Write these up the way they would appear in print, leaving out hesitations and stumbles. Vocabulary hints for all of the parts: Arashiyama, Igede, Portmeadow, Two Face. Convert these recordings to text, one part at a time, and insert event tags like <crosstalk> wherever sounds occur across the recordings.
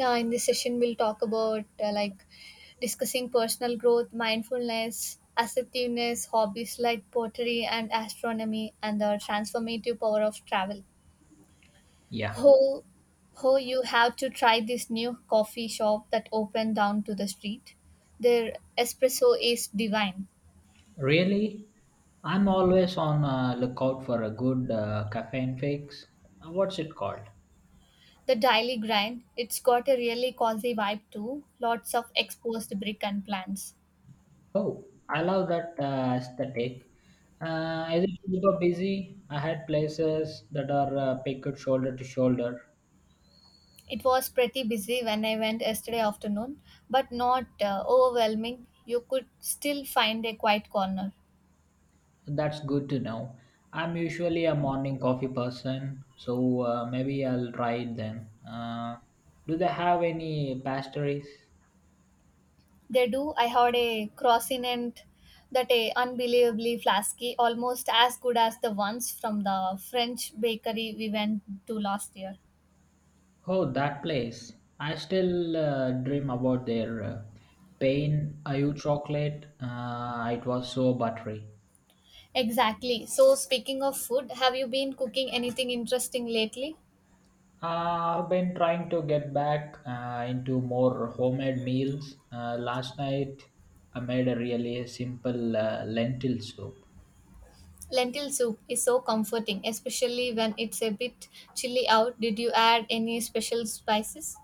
Yeah, in this session, we'll talk about discussing personal growth, mindfulness, assertiveness, hobbies like pottery and astronomy, and the transformative power of travel. Yeah, Ho, ho, you have to try this new coffee shop that opened down to the street. Their espresso is divine. really? I'm always on lookout for a good caffeine fix. What's it called? The daily grind, it's got a really cozy vibe too. Lots of exposed brick and plants. Oh, I love that aesthetic. Is it super busy? I had places that are picked shoulder to shoulder. It was pretty busy when I went yesterday afternoon, but not overwhelming. You could still find a quiet corner. That's good to know. I'm usually a morning coffee person, so maybe I'll try it then. Do they have any pastries? They do. I had a croissant that a unbelievably flasky, almost as good as the ones from the French bakery we went to last year. Oh, that place. I still dream about their pain ayu chocolate. It was so buttery. Exactly. So speaking of food, have you been cooking anything interesting lately? I've been trying to get back into more homemade meals. Last night, I made a really simple lentil soup. Lentil soup is so comforting, especially when it's a bit chilly out. Did you add any special spices?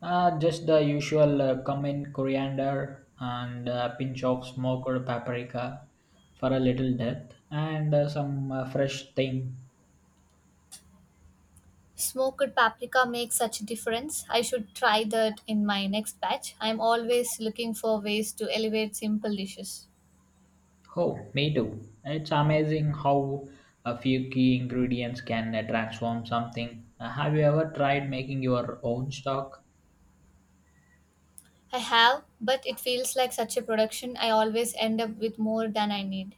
Just the usual cumin, coriander, and a pinch of smoked paprika for a little depth, and some fresh thyme. Smoked paprika makes such a difference. I should try that in my next batch. I'm always looking for ways to elevate simple dishes. Oh, me too. It's amazing how a few key ingredients can transform something. Have you ever tried making your own stock? I have, but it feels like such a production. I always end up with more than I need.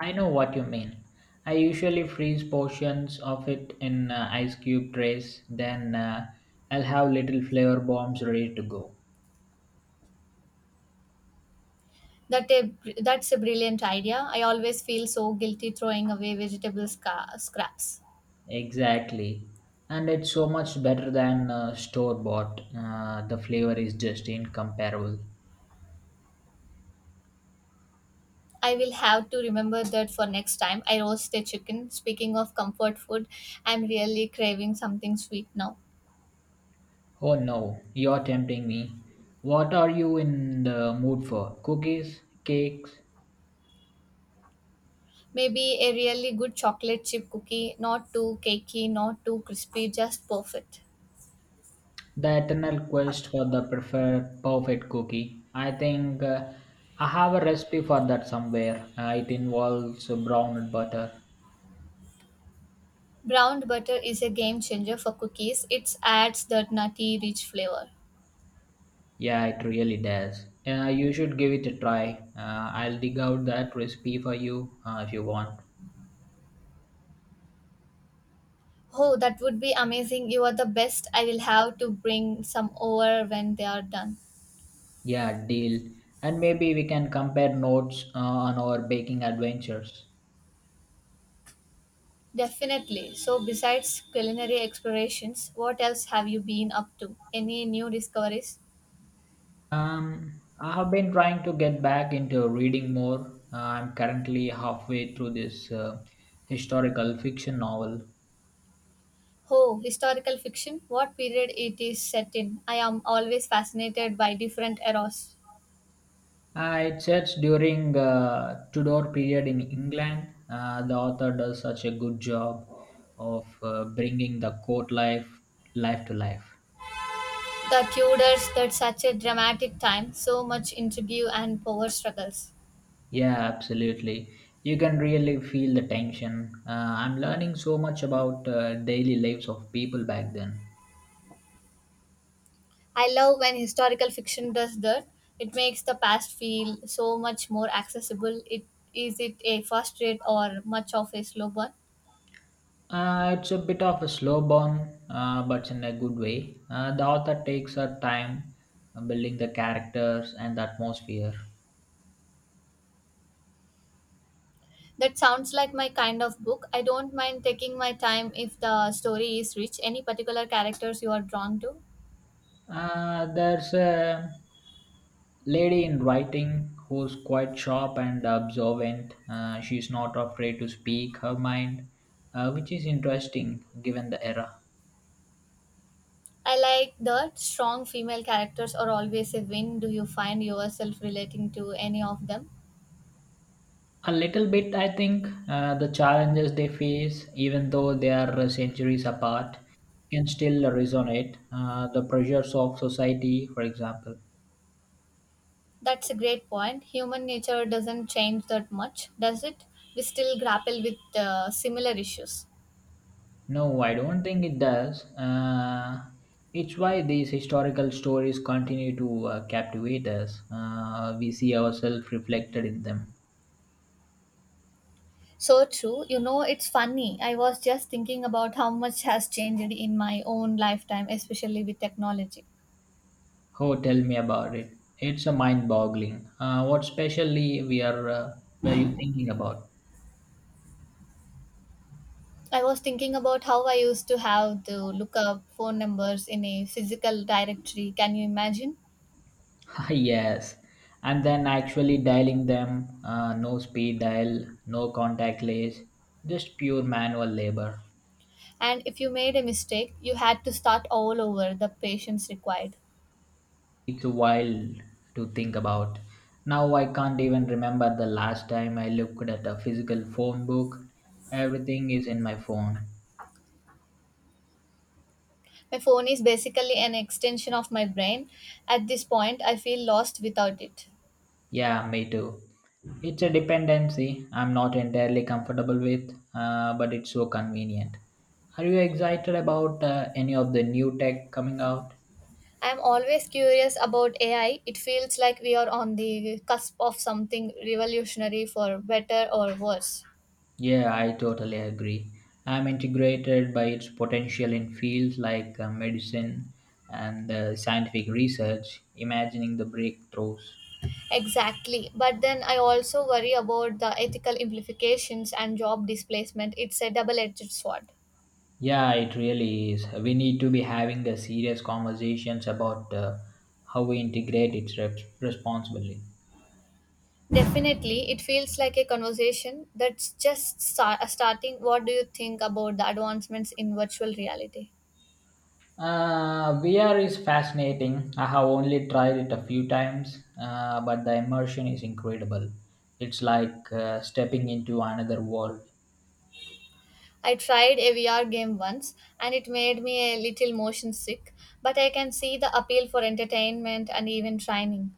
I know what you mean. I usually freeze portions of it in ice cube trays, then I'll have little flavor bombs ready to go. That a, that's a brilliant idea. I always feel so guilty throwing away scraps. Exactly. And it's so much better than store bought. The flavor is just incomparable. I will have to remember that for next time I roast a chicken. Speaking of comfort food, I'm really craving something sweet now. Oh no, you're tempting me. What are you in the mood for? Cookies? Cakes? Maybe a really good chocolate chip cookie, not too cakey, not too crispy, just perfect. The eternal quest for the preferred perfect cookie. I think I have a recipe for that somewhere. It involves brown butter. Browned butter is a game changer for cookies. It adds that nutty, rich flavor. Yeah, it really does. You should give it a try. I'll dig out that recipe for you if you want. Oh, that would be amazing. You are the best. I will have to bring some over when they are done. Yeah, deal. And maybe we can compare notes on our baking adventures. Definitely. So, besides culinary explorations, what else have you been up to? Any new discoveries? Um, I have been trying to get back into reading more. I'm currently halfway through this historical fiction novel. Oh, historical fiction? What period it is set in? I am always fascinated by different eras. It sets during Tudor period in England. The author does such a good job of bringing the court life to life. The Tudors that such a dramatic time, so much intrigue and power struggles. Yeah, absolutely. You can really feel the tension. I'm learning so much about daily lives of people back then. I love when historical fiction does that. It makes the past feel so much more accessible. It is it a fast read or much of a slow burn? It's a bit of a slow burn, but in a good way. The author takes her time building the characters and the atmosphere. That sounds like my kind of book. I don't mind taking my time if the story is rich. Any particular characters you are drawn to? There's a lady in writing who's quite sharp and observant. She's not afraid to speak her mind, which is interesting given the era. I like that strong female characters are always a win. Do you find yourself relating to any of them? A little bit, I think. The challenges they face, even though they are centuries apart, can still resonate. The pressures of society, for example. That's a great point. Human nature doesn't change that much, does it? We still grapple with similar issues. No, I don't think it does. It's why these historical stories continue to captivate us. We see ourselves reflected in them. So true. You know, it's funny. I was just thinking about how much has changed in my own lifetime, especially with technology. Oh, tell me about it. It's a mind-boggling. What specially we are were you thinking about? I was thinking about how I used to have to look up phone numbers in a physical directory. Can you imagine? <laughs> Yes, and then actually dialing them, no speed dial, no contact list, just pure manual labor. And if you made a mistake, you had to start all over, the patience required. It's wild to think about. Now I can't even remember the last time I looked at a physical phone book. Everything is in my phone. My phone is basically an extension of my brain. At this point, I feel lost without it. Yeah, me too. It's a dependency I'm not entirely comfortable with, but it's so convenient. Are you excited about any of the new tech coming out? I am always curious about AI. It feels like we are on the cusp of something revolutionary for better or worse. Yeah, I totally agree. I'm integrated by its potential in fields like medicine and scientific research, imagining the breakthroughs. Exactly. But then I also worry about the ethical implications and job displacement. It's a double edged sword. Yeah, it really is. We need to be having a serious conversations about how we integrate it responsibly. Definitely, it feels like a conversation that's just starting. What do you think about the advancements in virtual reality? VR is fascinating. I have only tried it a few times, but the immersion is incredible. It's like stepping into another world. I tried a VR game once and it made me a little motion sick, but I can see the appeal for entertainment and even training.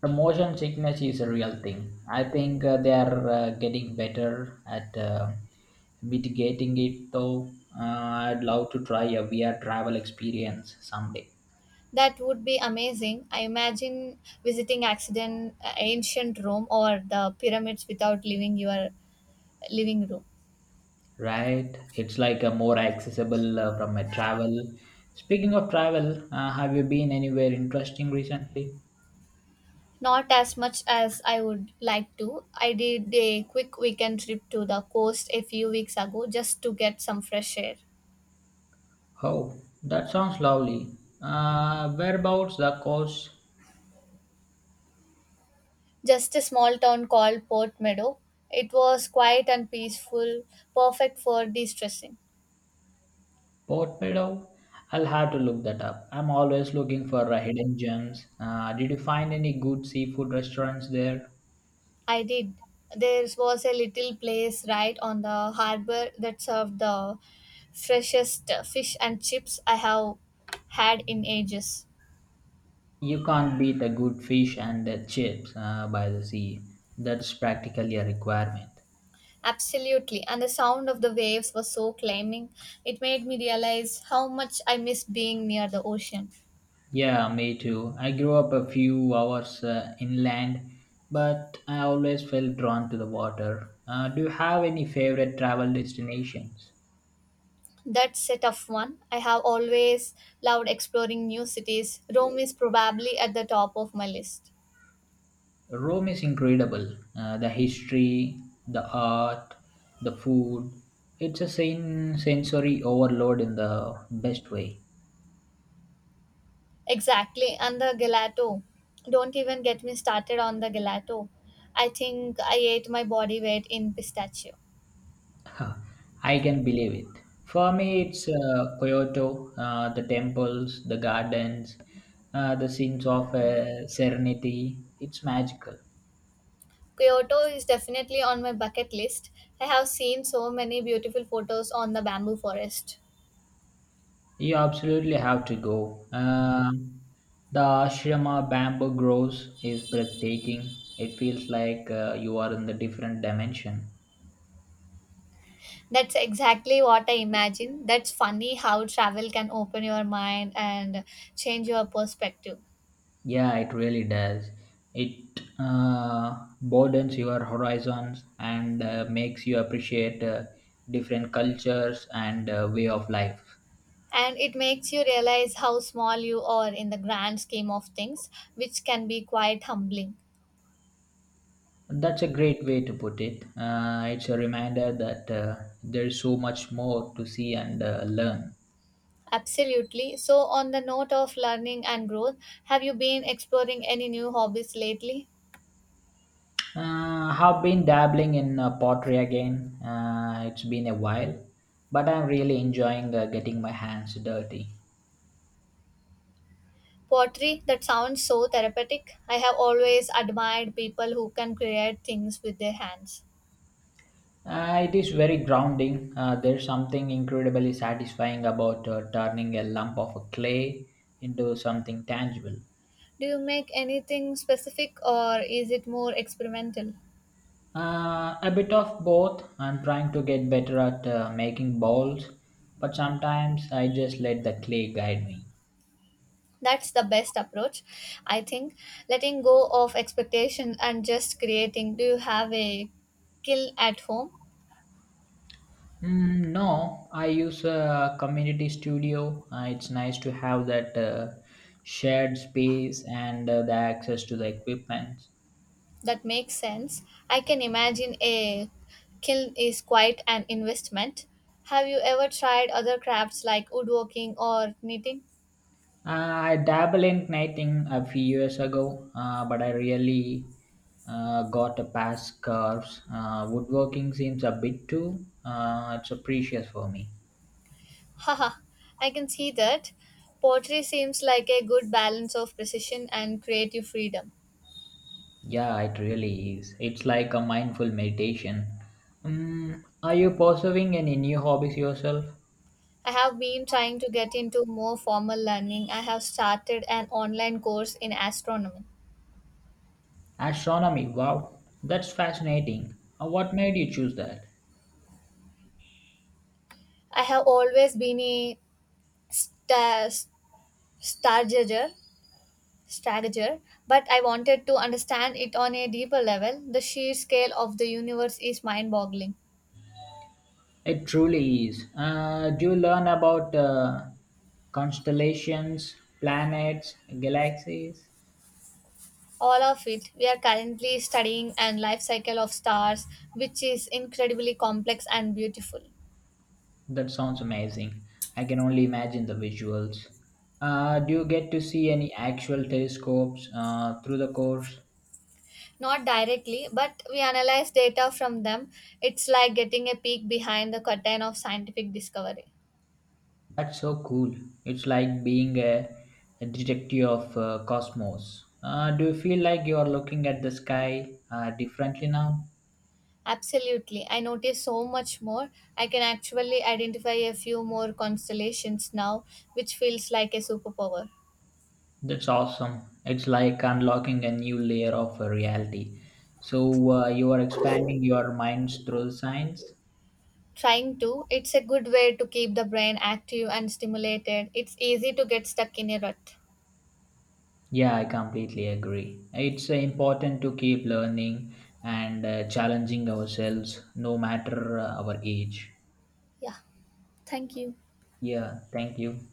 The motion sickness is a real thing. I think they are getting better at mitigating it, though. Uh, I'd love to try a VR travel experience someday, That would be amazing. I imagine visiting ancient Rome or the pyramids without leaving your living room. right? It's like a more accessible from a travel. Speaking of travel, have you been anywhere interesting recently? Not as much as I would like to. I did a quick weekend trip to the coast a few weeks ago just to get some fresh air. Oh, that sounds lovely. Whereabouts the coast? Just a small town called Port Meadow. It was quiet and peaceful, perfect for de-stressing. Portmeadow? I'll have to look that up. I'm always looking for hidden gems. Did you find any good seafood restaurants there? I did. There was a little place right on the harbor that served the freshest fish and chips I have had in ages. You can't beat a good fish and chips by the sea. That's practically a requirement. Absolutely, and the sound of the waves was so calming. It made me realize how much I miss being near the ocean. Yeah, me too. I grew up a few hours inland, but I always felt drawn to the water. Do you have any favorite travel destinations? That's a tough one. I have always loved exploring new cities. Rome is probably at the top of my list. Rome is incredible. The history, the art, the food. It's a sensory overload in the best way. Exactly, and the gelato. Don't even get me started on the gelato. I think I ate my body weight in pistachio. <laughs> I can believe it. For me, it's Kyoto, the temples, the gardens, the scenes of serenity. It's magical. Kyoto is definitely on my bucket list. I have seen so many beautiful photos on the bamboo forest. You absolutely have to go. The ashrama bamboo groves is breathtaking. It feels like you are in the different dimension. That's exactly what I imagine. That's funny how travel can open your mind and change your perspective. Yeah, it really does. It broadens your horizons and makes you appreciate different cultures and way of life. And it makes you realize how small you are in the grand scheme of things, which can be quite humbling. That's a great way to put it. It's a reminder that there's so much more to see and learn. Absolutely. So, on the note of learning and growth, have you been exploring any new hobbies lately? Have been dabbling in pottery again. It's been a while, but I'm really enjoying getting my hands dirty. Pottery, that sounds so therapeutic. I have always admired people who can create things with their hands. It is very grounding. There's something incredibly satisfying about turning a lump of clay into something tangible. Do you make anything specific or is it more experimental? A bit of both. I'm trying to get better at making balls, but sometimes I just let the clay guide me. That's the best approach, I think, letting go of expectations and just creating. Do you have a kill at home? Mm, no, I use a community studio. It's nice to have that shared space and the access to the equipment. That makes sense. I can imagine a kiln is quite an investment. Have you ever tried other crafts like woodworking or knitting? I dabbled in knitting a few years ago, but I really got a past curves. Woodworking seems a bit too. It's a precious for me. Haha, I can see that. Pottery seems like a good balance of precision and creative freedom. Yeah, it really is. It's like a mindful meditation. Are you pursuing any new hobbies yourself? I have been trying to get into more formal learning. I have started an online course in astronomy. Astronomy. Wow, that's fascinating. What made you choose that? I have always been a sta- stargazer, strateger, but I wanted to understand it on a deeper level. The sheer scale of the universe is mind-boggling. It truly is. Do you learn about constellations, planets, galaxies? All of it. We are currently studying and life cycle of stars, which is incredibly complex and beautiful. That sounds amazing. I can only imagine the visuals. Do you get to see any actual telescopes through the course? Not directly, but we analyze data from them. It's like getting a peek behind the curtain of scientific discovery. That's so cool. It's like being a detective of cosmos. Do you feel like you are looking at the sky differently now? Absolutely. I notice so much more. I can actually identify a few more constellations now, which feels like a superpower. That's awesome. It's like unlocking a new layer of reality. So you are expanding your minds through science? Trying to, it's a good way to keep the brain active and stimulated. It's easy to get stuck in a rut. Yeah, I completely agree. It's important to keep learning and challenging ourselves no matter our age. Yeah. Thank you. Yeah, thank you.